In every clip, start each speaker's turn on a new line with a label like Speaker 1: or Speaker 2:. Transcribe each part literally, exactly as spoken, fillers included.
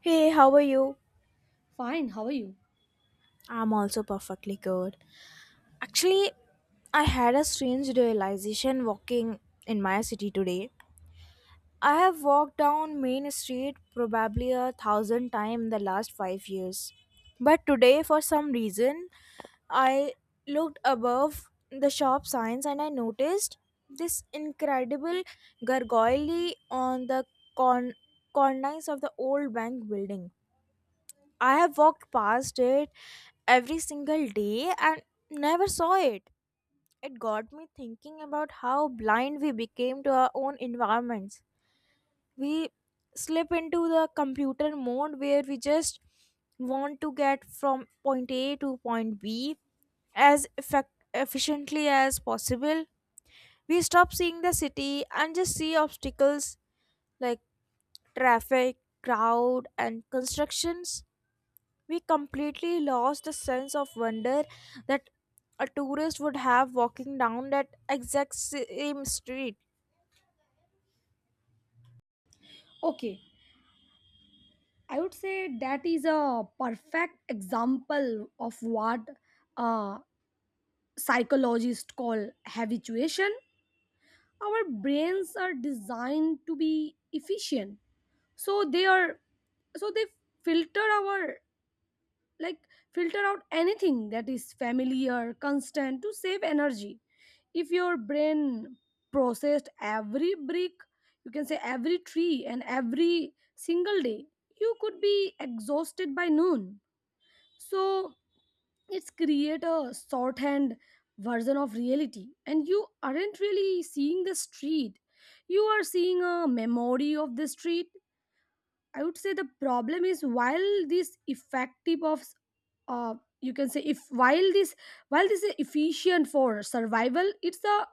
Speaker 1: Hey, how are you?
Speaker 2: Fine, how are you?
Speaker 1: I'm also perfectly good. Actually, I had a strange realization walking in my city today. I have walked down Main Street probably a thousand times in the last five years. But today, for some reason, I looked above the shop signs and I noticed this incredible gargoyle on the con- cornice of the old bank building. I have walked past it every single day and never saw it. It got me thinking about how blind we became to our own environments. We slip into the computer mode where we just want to get from point A to point B as effect- efficiently as possible. We stop seeing the city and just see obstacles like traffic, crowd, and constructions. We completely lost the sense of wonder that a tourist would have walking down that exact same street.
Speaker 2: Okay, I would say that is a perfect example of what uh, psychologists call habituation. Our brains are designed to be efficient, so they are so they filter our like filter out anything that is familiar constant to save energy. If your brain processed every brick, you can say every tree and every single day, you could be exhausted by noon. So it's create a shorthand version of reality, and you aren't really seeing the street, you are seeing a memory of the street. I would say the problem is while this effective of uh, you can say if while this while this is efficient for survival, it's a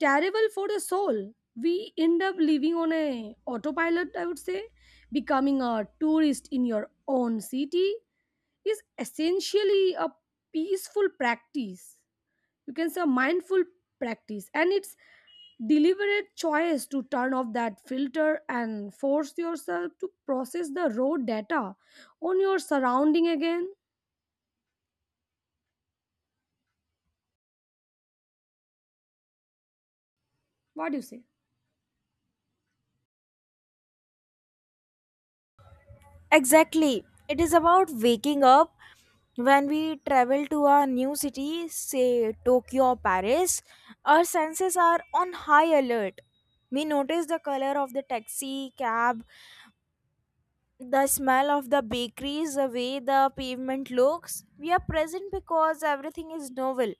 Speaker 2: terrible for the soul. We end up living on a autopilot, I would say. Becoming a tourist in your own city is essentially a peaceful practice, you can say mindful practice, and it's deliberate choice to turn off that filter and force yourself to process the raw data on your surrounding again. What do you say?
Speaker 1: Exactly. It is about waking up when we travel to a new city, say Tokyo or Paris, our senses are on high alert. We notice the color of the taxi, cab, the smell of the bakeries, the way the pavement looks. We are present because everything is novel.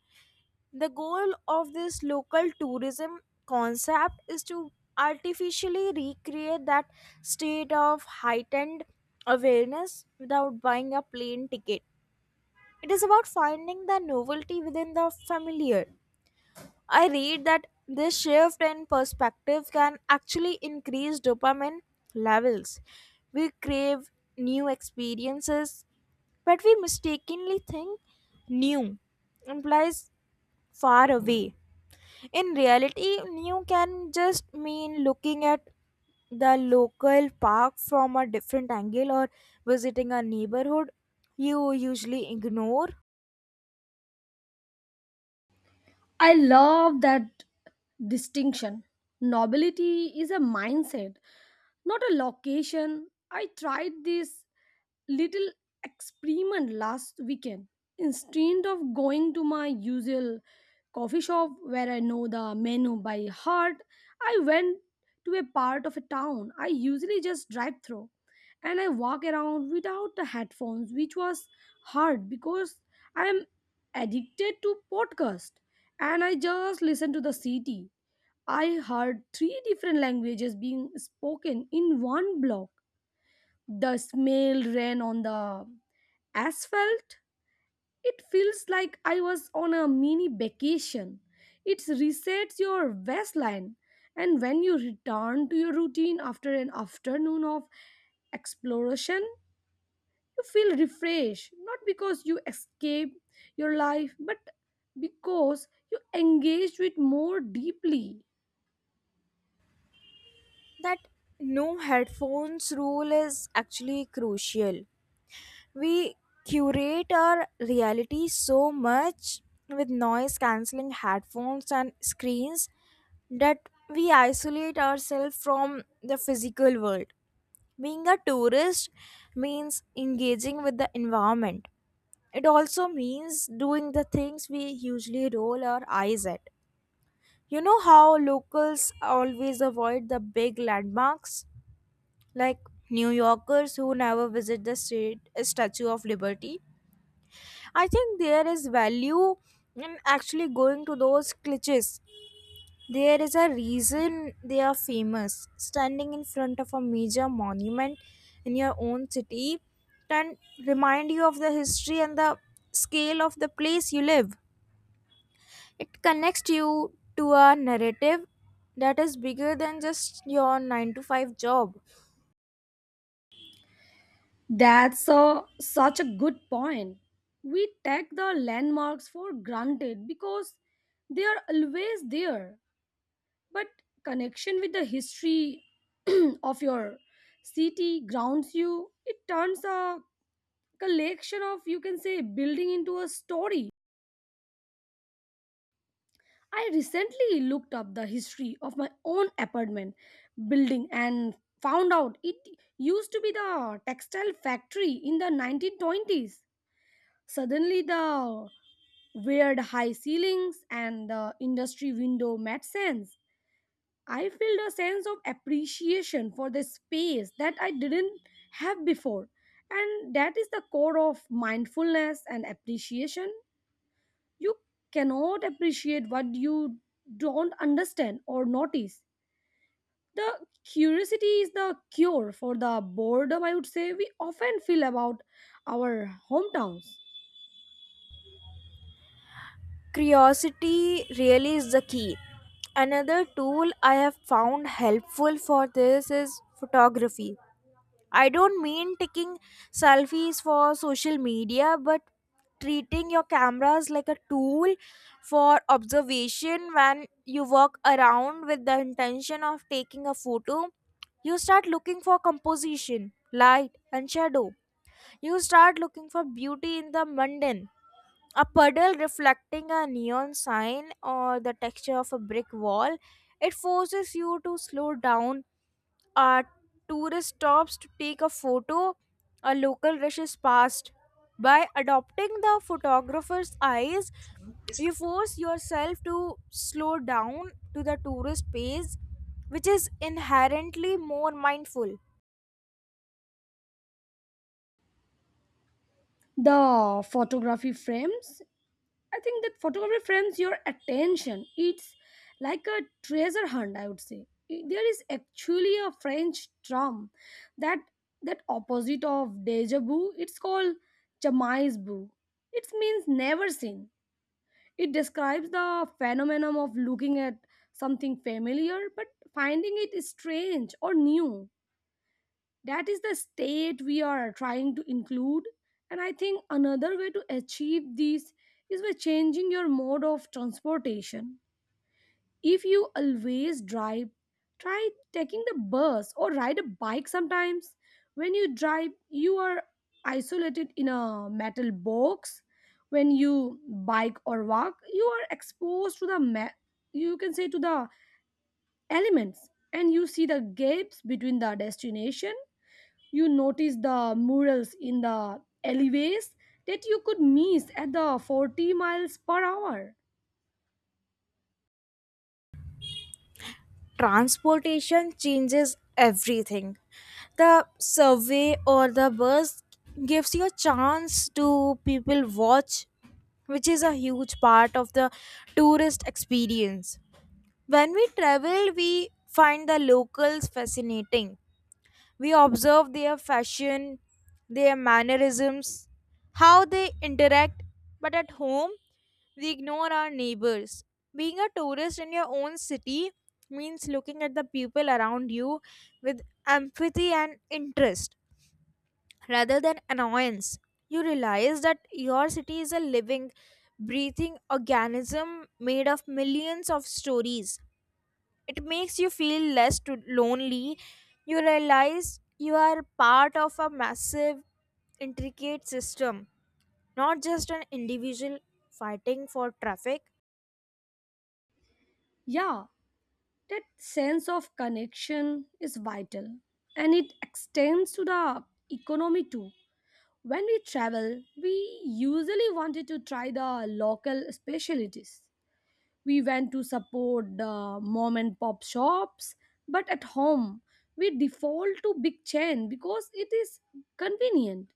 Speaker 1: The goal of this local tourism concept is to artificially recreate that state of heightened awareness without buying a plane ticket. It is about finding the novelty within the familiar. I read that this shift in perspective can actually increase dopamine levels. We crave new experiences, but we mistakenly think new implies far away. In reality, new can just mean looking at the local park from a different angle or visiting a neighborhood you usually ignore.
Speaker 2: I love that distinction. Nobility is a mindset, not a location. I tried this little experiment last weekend. Instead of going to my usual coffee shop where I know the menu by heart, I went to a part of a town I usually just drive through, and I walk around without the headphones, which was hard because I'm addicted to podcast, and I just listen to the city. I heard three different languages being spoken in one block. The smell ran on the asphalt, it feels like I was on a mini vacation. It resets your waistline. And when you return to your routine after an afternoon of exploration, you feel refreshed, not because you escape your life, but because you engaged with more deeply.
Speaker 1: That no headphones rule is actually crucial. We curate our reality so much with noise cancelling headphones and screens that we isolate ourselves from the physical world. Being a tourist means engaging with the environment. It also means doing the things we usually roll our eyes at. You know how locals always avoid the big landmarks? Like New Yorkers who never visit the state, Statue of Liberty. I think there is value in actually going to those cliches. There is a reason they are famous. Standing in front of a major monument in your own city can remind you of the history and the scale of the place you live. It connects you to a narrative that is bigger than just your nine to five job.
Speaker 2: That's a, such a good point. We take the landmarks for granted because they are always there. But connection with the history of your city grounds you. It turns a collection of, you can say, building into a story. I recently looked up the history of my own apartment building and found out it used to be the textile factory in the nineteen twenties. Suddenly the weird high ceilings and the industry window made sense. I felt a sense of appreciation for the space that I didn't have before. And that is the core of mindfulness and appreciation. You cannot appreciate what you don't understand or notice. The curiosity is the cure for the boredom, I would say, we often feel about our hometowns.
Speaker 1: Curiosity really is the key. Another tool I have found helpful for this is photography. I don't mean taking selfies for social media, but treating your cameras like a tool for observation. When you walk around with the intention of taking a photo, you start looking for composition, light and shadow. You start looking for beauty in the mundane, a puddle reflecting a neon sign or the texture of a brick wall. It forces you to slow down. A tourist stops to take a photo, a local rushes past. By adopting the photographer's eyes, you force yourself to slow down to the tourist pace, which is inherently more mindful.
Speaker 2: The photography frames I think that photography frames your attention. It's like a treasure hunt, I would say. I- There is actually a French term that that opposite of deja vu. It's called jamais vu. It means never seen. It describes the phenomenon of looking at something familiar but finding it strange or new. That is the state we are trying to include, and I think another way to achieve this is by changing your mode of transportation. If you always drive, try taking the bus or ride a bike sometimes. When you drive, you are isolated in a metal box. When you bike or walk you are exposed to the ma- you can say to the elements, and you see the gaps between the destination. You notice the murals in the alleyways that you could miss at the forty miles per hour.
Speaker 1: Transportation changes everything. The subway or the bus gives you a chance to people watch, which is a huge part of the tourist experience. When we travel, we find the locals fascinating. We observe their fashion, their mannerisms, how they interact, but at home, we ignore our neighbors. Being a tourist in your own city means looking at the people around you with empathy and interest rather than annoyance. You realize that your city is a living, breathing organism made of millions of stories. It makes you feel less to lonely. You realize you are part of a massive intricate system, not just an individual fighting for traffic.
Speaker 2: Yeah, that sense of connection is vital, and it extends to the economy too. When we travel, we usually wanted to try the local specialties. We went to support the mom and pop shops, but at home, we default to big chain because it is convenient.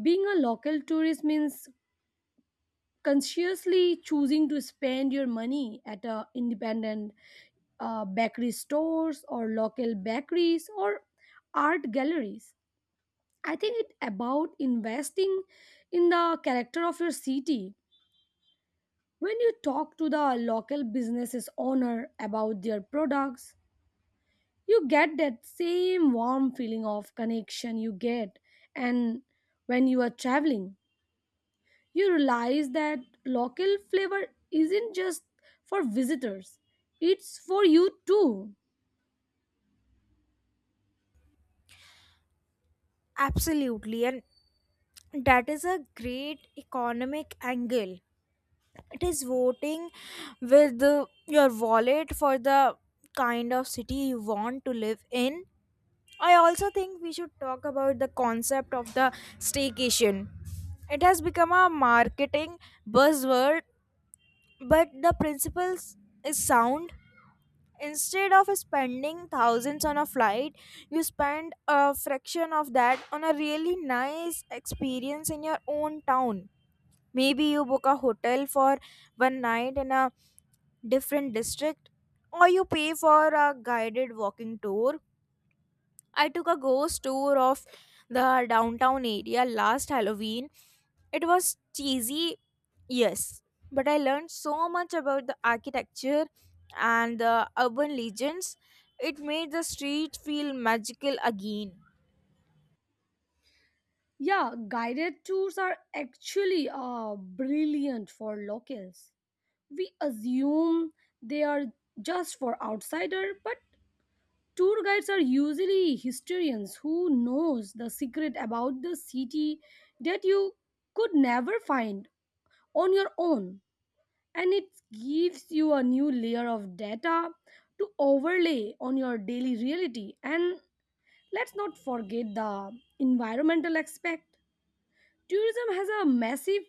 Speaker 2: Being a local tourist means consciously choosing to spend your money at a independent uh, bakery stores or local bakeries or art galleries. I think it about investing in the character of your city. When you talk to the local businesses owner about their products, you get that same warm feeling of connection you get and when you are traveling. You realize that local flavor isn't just for visitors, it's for you too.
Speaker 1: Absolutely, and that is a great economic angle. It is voting with the, your wallet for the kind of city you want to live in. I also think we should talk about the concept of the staycation. It has become a marketing buzzword, but the principles is sound. Instead of spending thousands on a flight, you spend a fraction of that on a really nice experience in your own town. Maybe you book a hotel for one night in a different district, or you pay for a guided walking tour. I took a ghost tour of the downtown area last Halloween. It was cheesy, yes, but I learned so much about the architecture and the urban legends. It made the street feel magical again.
Speaker 2: Yeah, guided tours are actually uh, brilliant for locals. We assume they are just for outsider, but tour guides are usually historians who knows the secret about the city that you could never find on your own. And it gives you a new layer of data to overlay on your daily reality. And let's not forget the environmental aspect. Tourism has a massive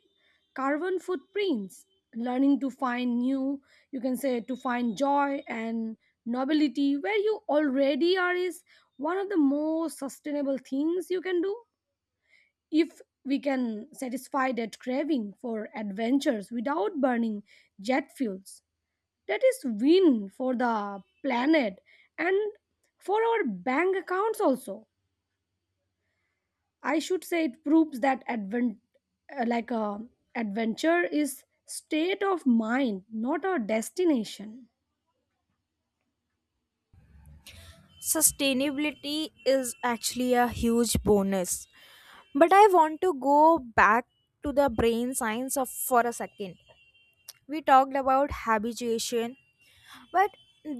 Speaker 2: carbon footprints. Learning to find new, you can say to find joy and nobility where you already are is one of the most sustainable things you can do. If we can satisfy that craving for adventures without burning jet fuels, that is win for the planet and for our bank accounts also. I should say it proves that advent uh, like a adventure is state of mind, not a destination.
Speaker 1: Sustainability is actually a huge bonus. But I want to go back to the brain science of for a second. We talked about habitation. But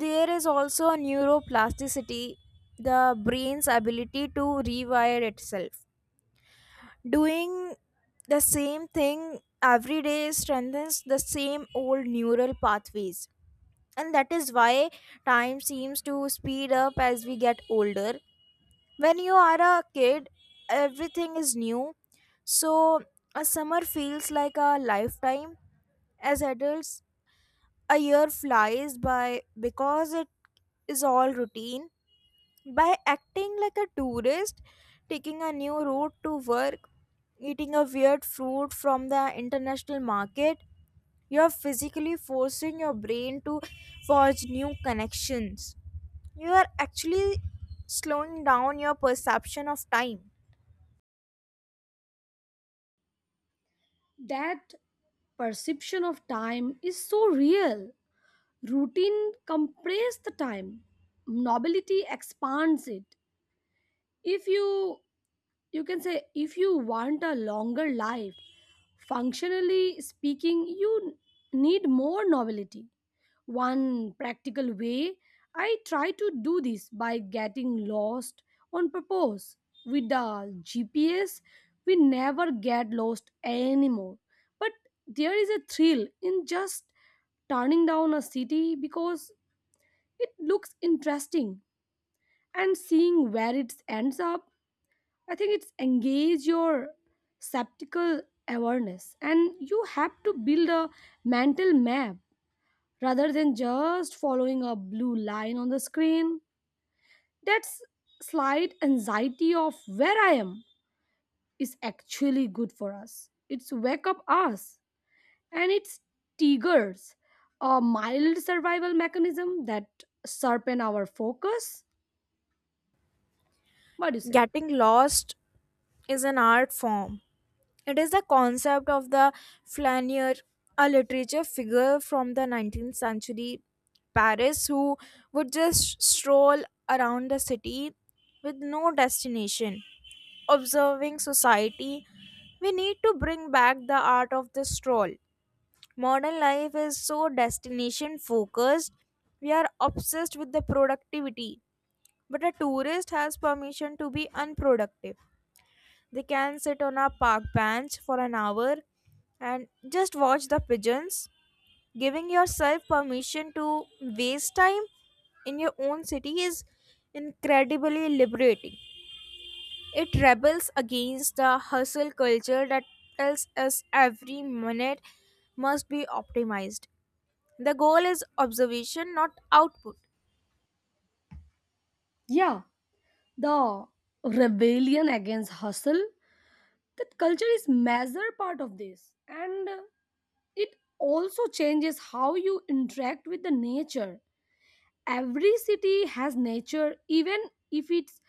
Speaker 1: there is also a neuroplasticity, the brain's ability to rewire itself. Doing the same thing every day strengthens the same old neural pathways. And that is why time seems to speed up as we get older. When you are a kid, everything is new. So a summer feels like a lifetime. As adults, a year flies by because it is all routine. By acting like a tourist, taking a new route to work, eating a weird fruit from the international market, you're physically forcing your brain to forge new connections. You are actually slowing down your perception of time.
Speaker 2: That perception of time is so real. Routine compresses the time, nobility expands it. If you you can say if you want a longer life, functionally speaking, you need more novelty. One practical way I try to do this by getting lost on purpose. With the G P S, we never get lost anymore. But there is a thrill in just turning down a city because it looks interesting and seeing where it ends up. I think it's engage your skeptical awareness, and you have to build a mental map rather than just following a blue line on the screen. That's slight anxiety of where I am is actually good for us. It's wake up us, and it's triggers a mild survival mechanism that sharpen our focus. What do you say?
Speaker 1: Getting lost is an art form. It is the concept of the flaneur, a literature figure from the nineteenth century Paris who would just stroll around the city with no destination, observing society. We need to bring back the art of the stroll. Modern life is so destination focused. We are obsessed with the productivity. But a tourist has permission to be unproductive. They can sit on a park bench for an hour and just watch the pigeons. Giving yourself permission to waste time in your own city is incredibly liberating. It rebels against the hustle culture that tells us every minute must be optimized. The goal is observation, not output.
Speaker 2: Yeah, the rebellion against hustle that culture is major part of this, and uh, it also changes how you interact with the nature. Every city has nature, even if it's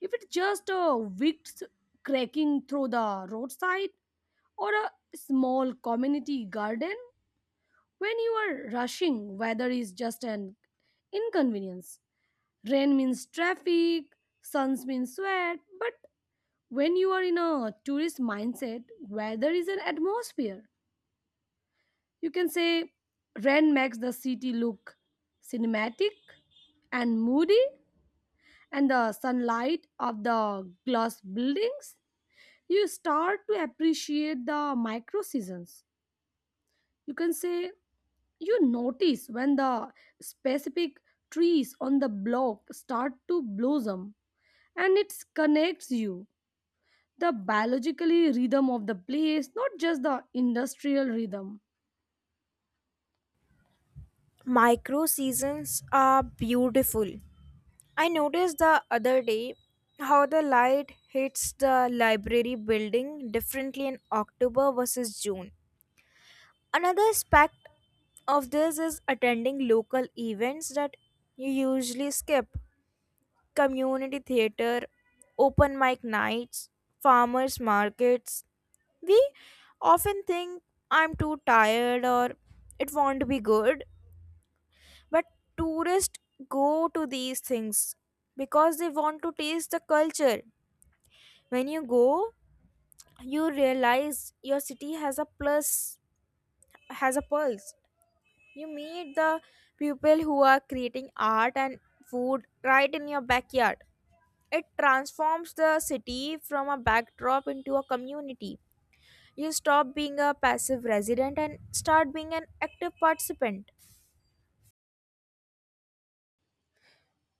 Speaker 2: if it's just a wind cracking through the roadside or a small community garden. When you are rushing, weather is just an inconvenience. Rain means traffic, suns means sweat. But when you are in a tourist mindset, weather is an atmosphere. You can say rain makes the city look cinematic and moody, and the sunlight of the glass buildings. You start to appreciate the micro seasons. You can say you notice when the specific trees on the block start to blossom, and it connects you the biologically rhythm of the place, not just the industrial rhythm.
Speaker 1: Micro seasons are beautiful. I noticed the other day how the light hits the library building differently in October versus June. Another aspect of this is attending local events that you usually skip: community theater, open mic nights, farmers markets. We often think I'm too tired or it won't be good, but tourists go to these things because they want to taste the culture. When you go, you realize your city has a plus, has a pulse. You meet the people who are creating art and food right in your backyard. It transforms the city from a backdrop into a community. You stop being a passive resident and start being an active participant.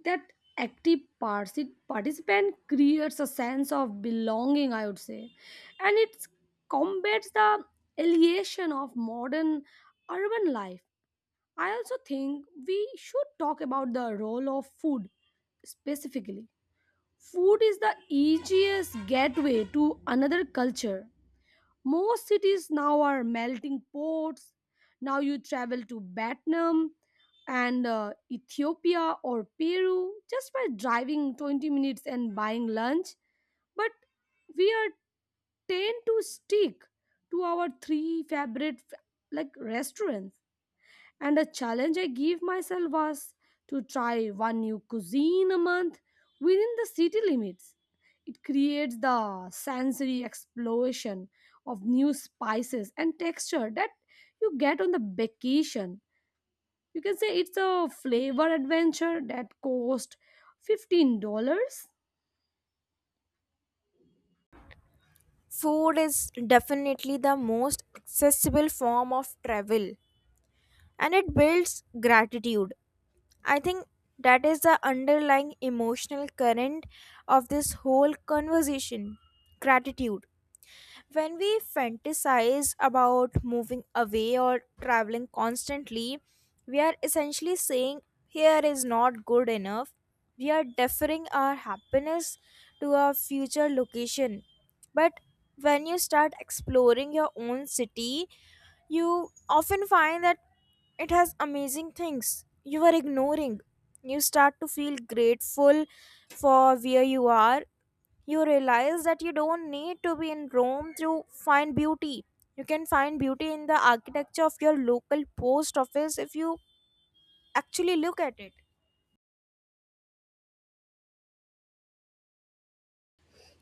Speaker 2: that active parti- participant creates a sense of belonging, I would say, and it combats the alienation of modern urban life. I also think we should talk about the role of food specifically. Food is the easiest gateway to another culture. Most cities now are melting ports. Now you travel to Vietnam and uh, Ethiopia or Peru just by driving twenty minutes and buying lunch. But we are tend to stick to our three favorite f- like restaurants, and a challenge I gave myself was to try one new cuisine a month within the city limits. It creates the sensory explosion of new spices and texture that you get on the vacation. You can say it's a flavor adventure that cost fifteen dollars.
Speaker 1: Food is definitely the most accessible form of travel and it builds gratitude. I think that is the underlying emotional current of this whole conversation: gratitude. When we fantasize about moving away or traveling constantly, we are essentially saying here is not good enough. We are deferring our happiness to a future location. But when you start exploring your own city, you often find that it has amazing things you were ignoring. You start to feel grateful for where you are. You realize that you don't need to be in Rome to find beauty. You can find beauty in the architecture of your local post office if you actually look at it.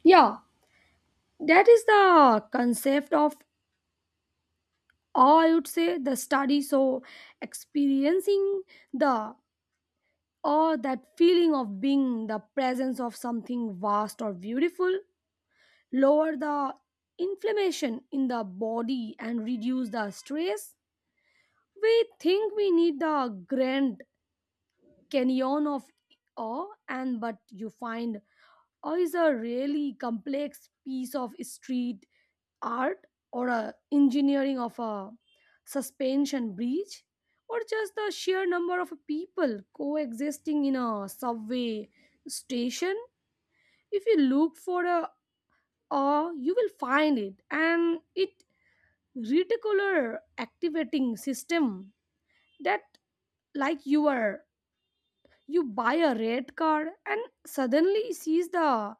Speaker 2: Yeah, that is the concept of, or I would say, the study. So, experiencing the or that feeling of being the presence of something vast or beautiful lower the inflammation in the body and reduce the stress. We think we need the Grand Canyon of awe, and but you find awe is a really complex piece of street art or a engineering of a suspension bridge or just the sheer number of people coexisting in a subway station. If you look for a awe, you will find it, and it reticular activating system that, like, you are you buy a red card and suddenly sees the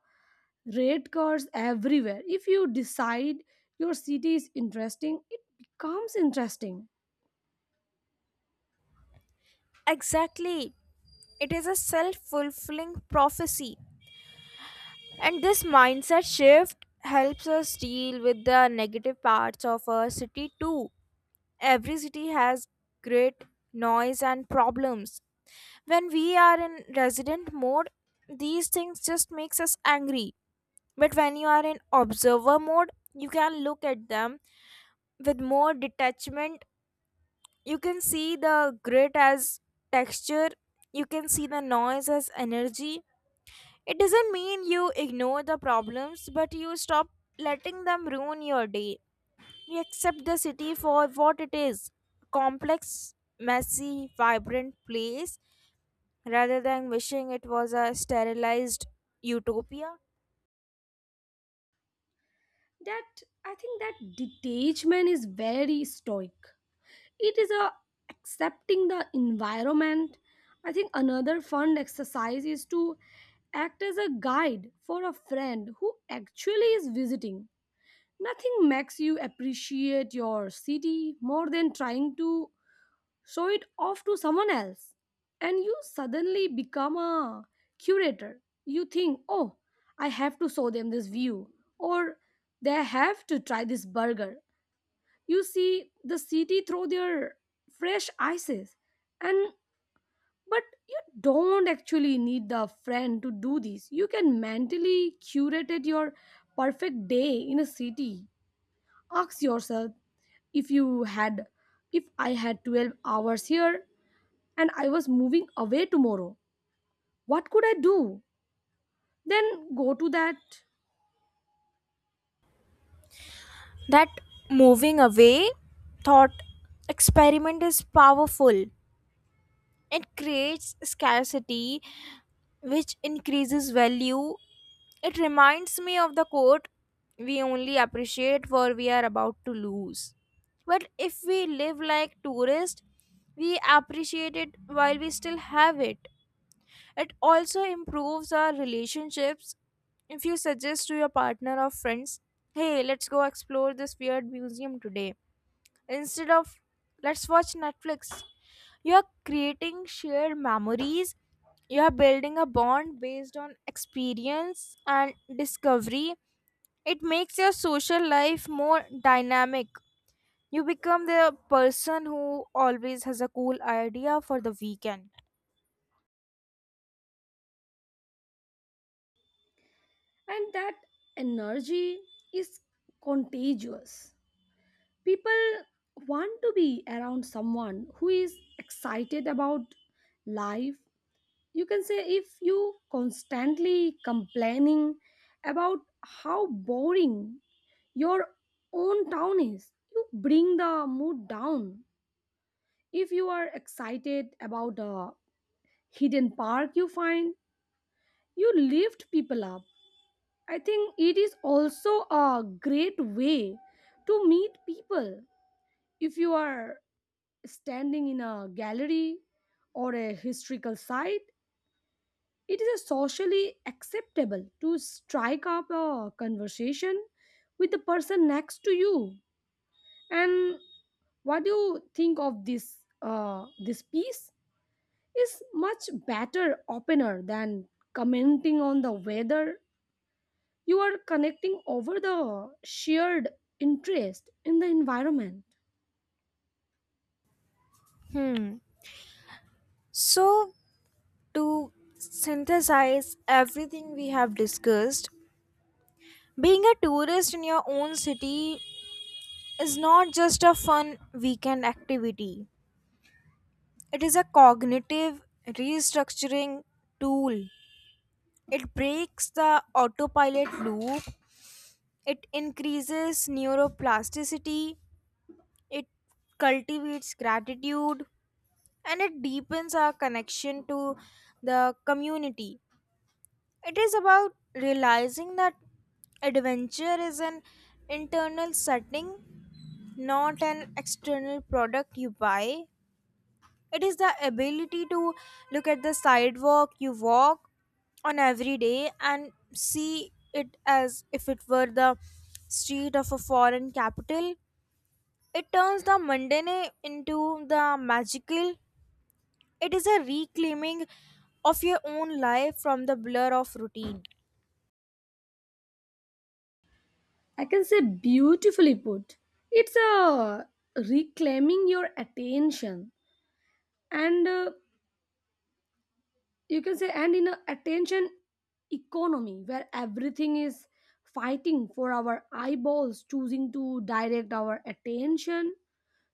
Speaker 2: red cards everywhere. If you decide your city is interesting, it becomes interesting.
Speaker 1: Exactly. It is a self fulfilling prophecy. And this mindset shift helps us deal with the negative parts of our city too. Every city has great noise and problems. When we are in resident mode, these things just makes us angry. But when you are in observer mode, you can look at them with more detachment. You can see the grit as texture, you can see the noise as energy. It doesn't mean you ignore the problems, but you stop letting them ruin your day. You accept the city for what it is: complex, messy, vibrant place rather than wishing it was a sterilized utopia.
Speaker 2: That I think that detachment is very stoic. It is a accepting the environment. I think another fun exercise is to act as a guide for a friend who actually is visiting. Nothing makes you appreciate your city more than trying to show it off to someone else, and you suddenly become a curator. You think, oh, I have to show them this view, or they have to try this burger. You see the city through their fresh ices. And but you don't actually need the friend to do this, you can mentally curate it your perfect day in a city. Ask yourself, if you had if I had twelve hours here and I was moving away tomorrow, what could I do? Then go to that.
Speaker 1: That moving away thought experiment is powerful. It creates scarcity, which increases value. It reminds me of the quote, we only appreciate what we are about to lose. But if we live like tourists, we appreciate it while we still have it. It also improves our relationships. If you suggest to your partner or friends, hey, let's go explore this weird museum today instead of let's watch Netflix, you're creating shared memories. You're building a bond based on experience and discovery. It makes your social life more dynamic. You become the person who always has a cool idea for the weekend.
Speaker 2: And that energy is contagious. People want to be around someone who is excited about life. You can say if you constantly complaining about how boring your own town is, you bring the mood down. If you are excited about a hidden park you find, you lift people up. I think it is also a great way to meet people. If you are standing in a gallery or a historical site, it is socially acceptable to strike up a conversation with the person next to you. And what do you think of this? Uh, this piece is much better opener than commenting on the weather. You are connecting over the shared interest in the environment.
Speaker 1: Hmm. So, to synthesize everything we have discussed, being a tourist in your own city is not just a fun weekend activity, it is a cognitive restructuring tool. It breaks the autopilot loop, it increases neuroplasticity, it cultivates gratitude, and it deepens our connection to the community. It is about realizing that adventure is an internal setting, not an external product you buy. It is the ability to look at the sidewalk you walk on every day and see it as if it were the street of a foreign capital. It turns the mundane into the magical. It is a reclaiming of your own life from the blur of routine.
Speaker 2: I can say beautifully put. It's a reclaiming your attention, and uh, you can say, and in a attention economy where everything is fighting for our eyeballs, choosing to direct our attention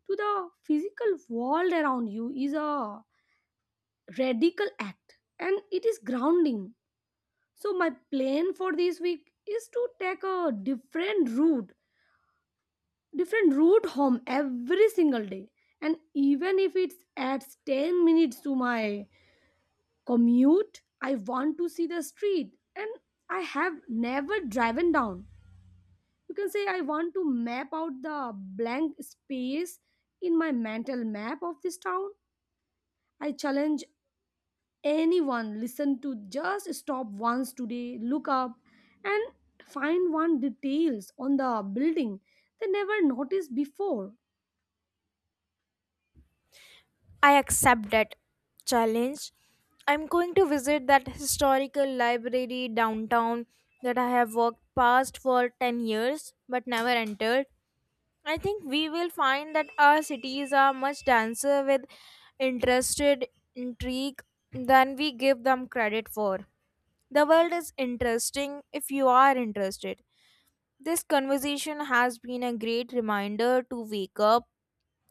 Speaker 2: to the physical world around you is a radical act, and it is grounding. So my plan for this week is to take a different route different route home every single day, and even if it adds ten minutes to my commute, I want to see the street and I have never driven down. You can say I want to map out the blank space in my mental map of this town. I challenge anyone listen to just stop once today, look up, and find one details on the building they never noticed before.
Speaker 1: I accept that challenge. I'm going to visit that historical library downtown that I have walked past for ten years but never entered. I think we will find that our cities are much denser with interested intrigue than we give them credit for. The world is interesting if you are interested. This conversation has been a great reminder to wake up.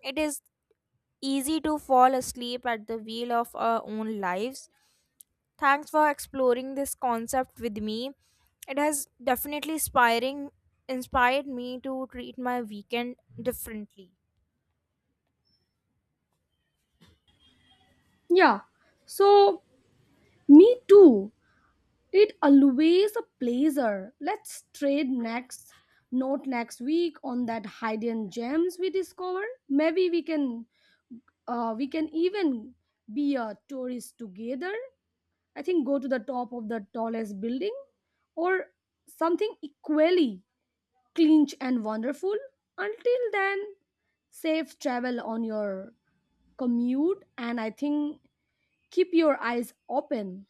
Speaker 1: It is easy to fall asleep at the wheel of our own lives. Thanks for exploring this concept with me. It has definitely inspiring inspired me to treat my weekend differently.
Speaker 2: Yeah, so me too. It always a pleasure. Let's trade next note next week on that hidden gems we discover. Maybe we can uh, we can even be a tourist together. I think go to the top of the tallest building or something equally clinch and wonderful. Until then, safe travel on your commute, and I think keep your eyes open.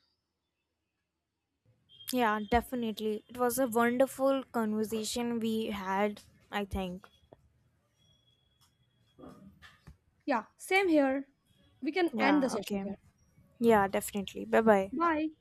Speaker 1: Yeah, definitely. It was a wonderful conversation we had, I think.
Speaker 2: Yeah, same here. We can end
Speaker 1: Yeah,
Speaker 2: the session
Speaker 1: okay.
Speaker 2: here.
Speaker 1: Yeah, definitely. Bye bye.
Speaker 2: Bye.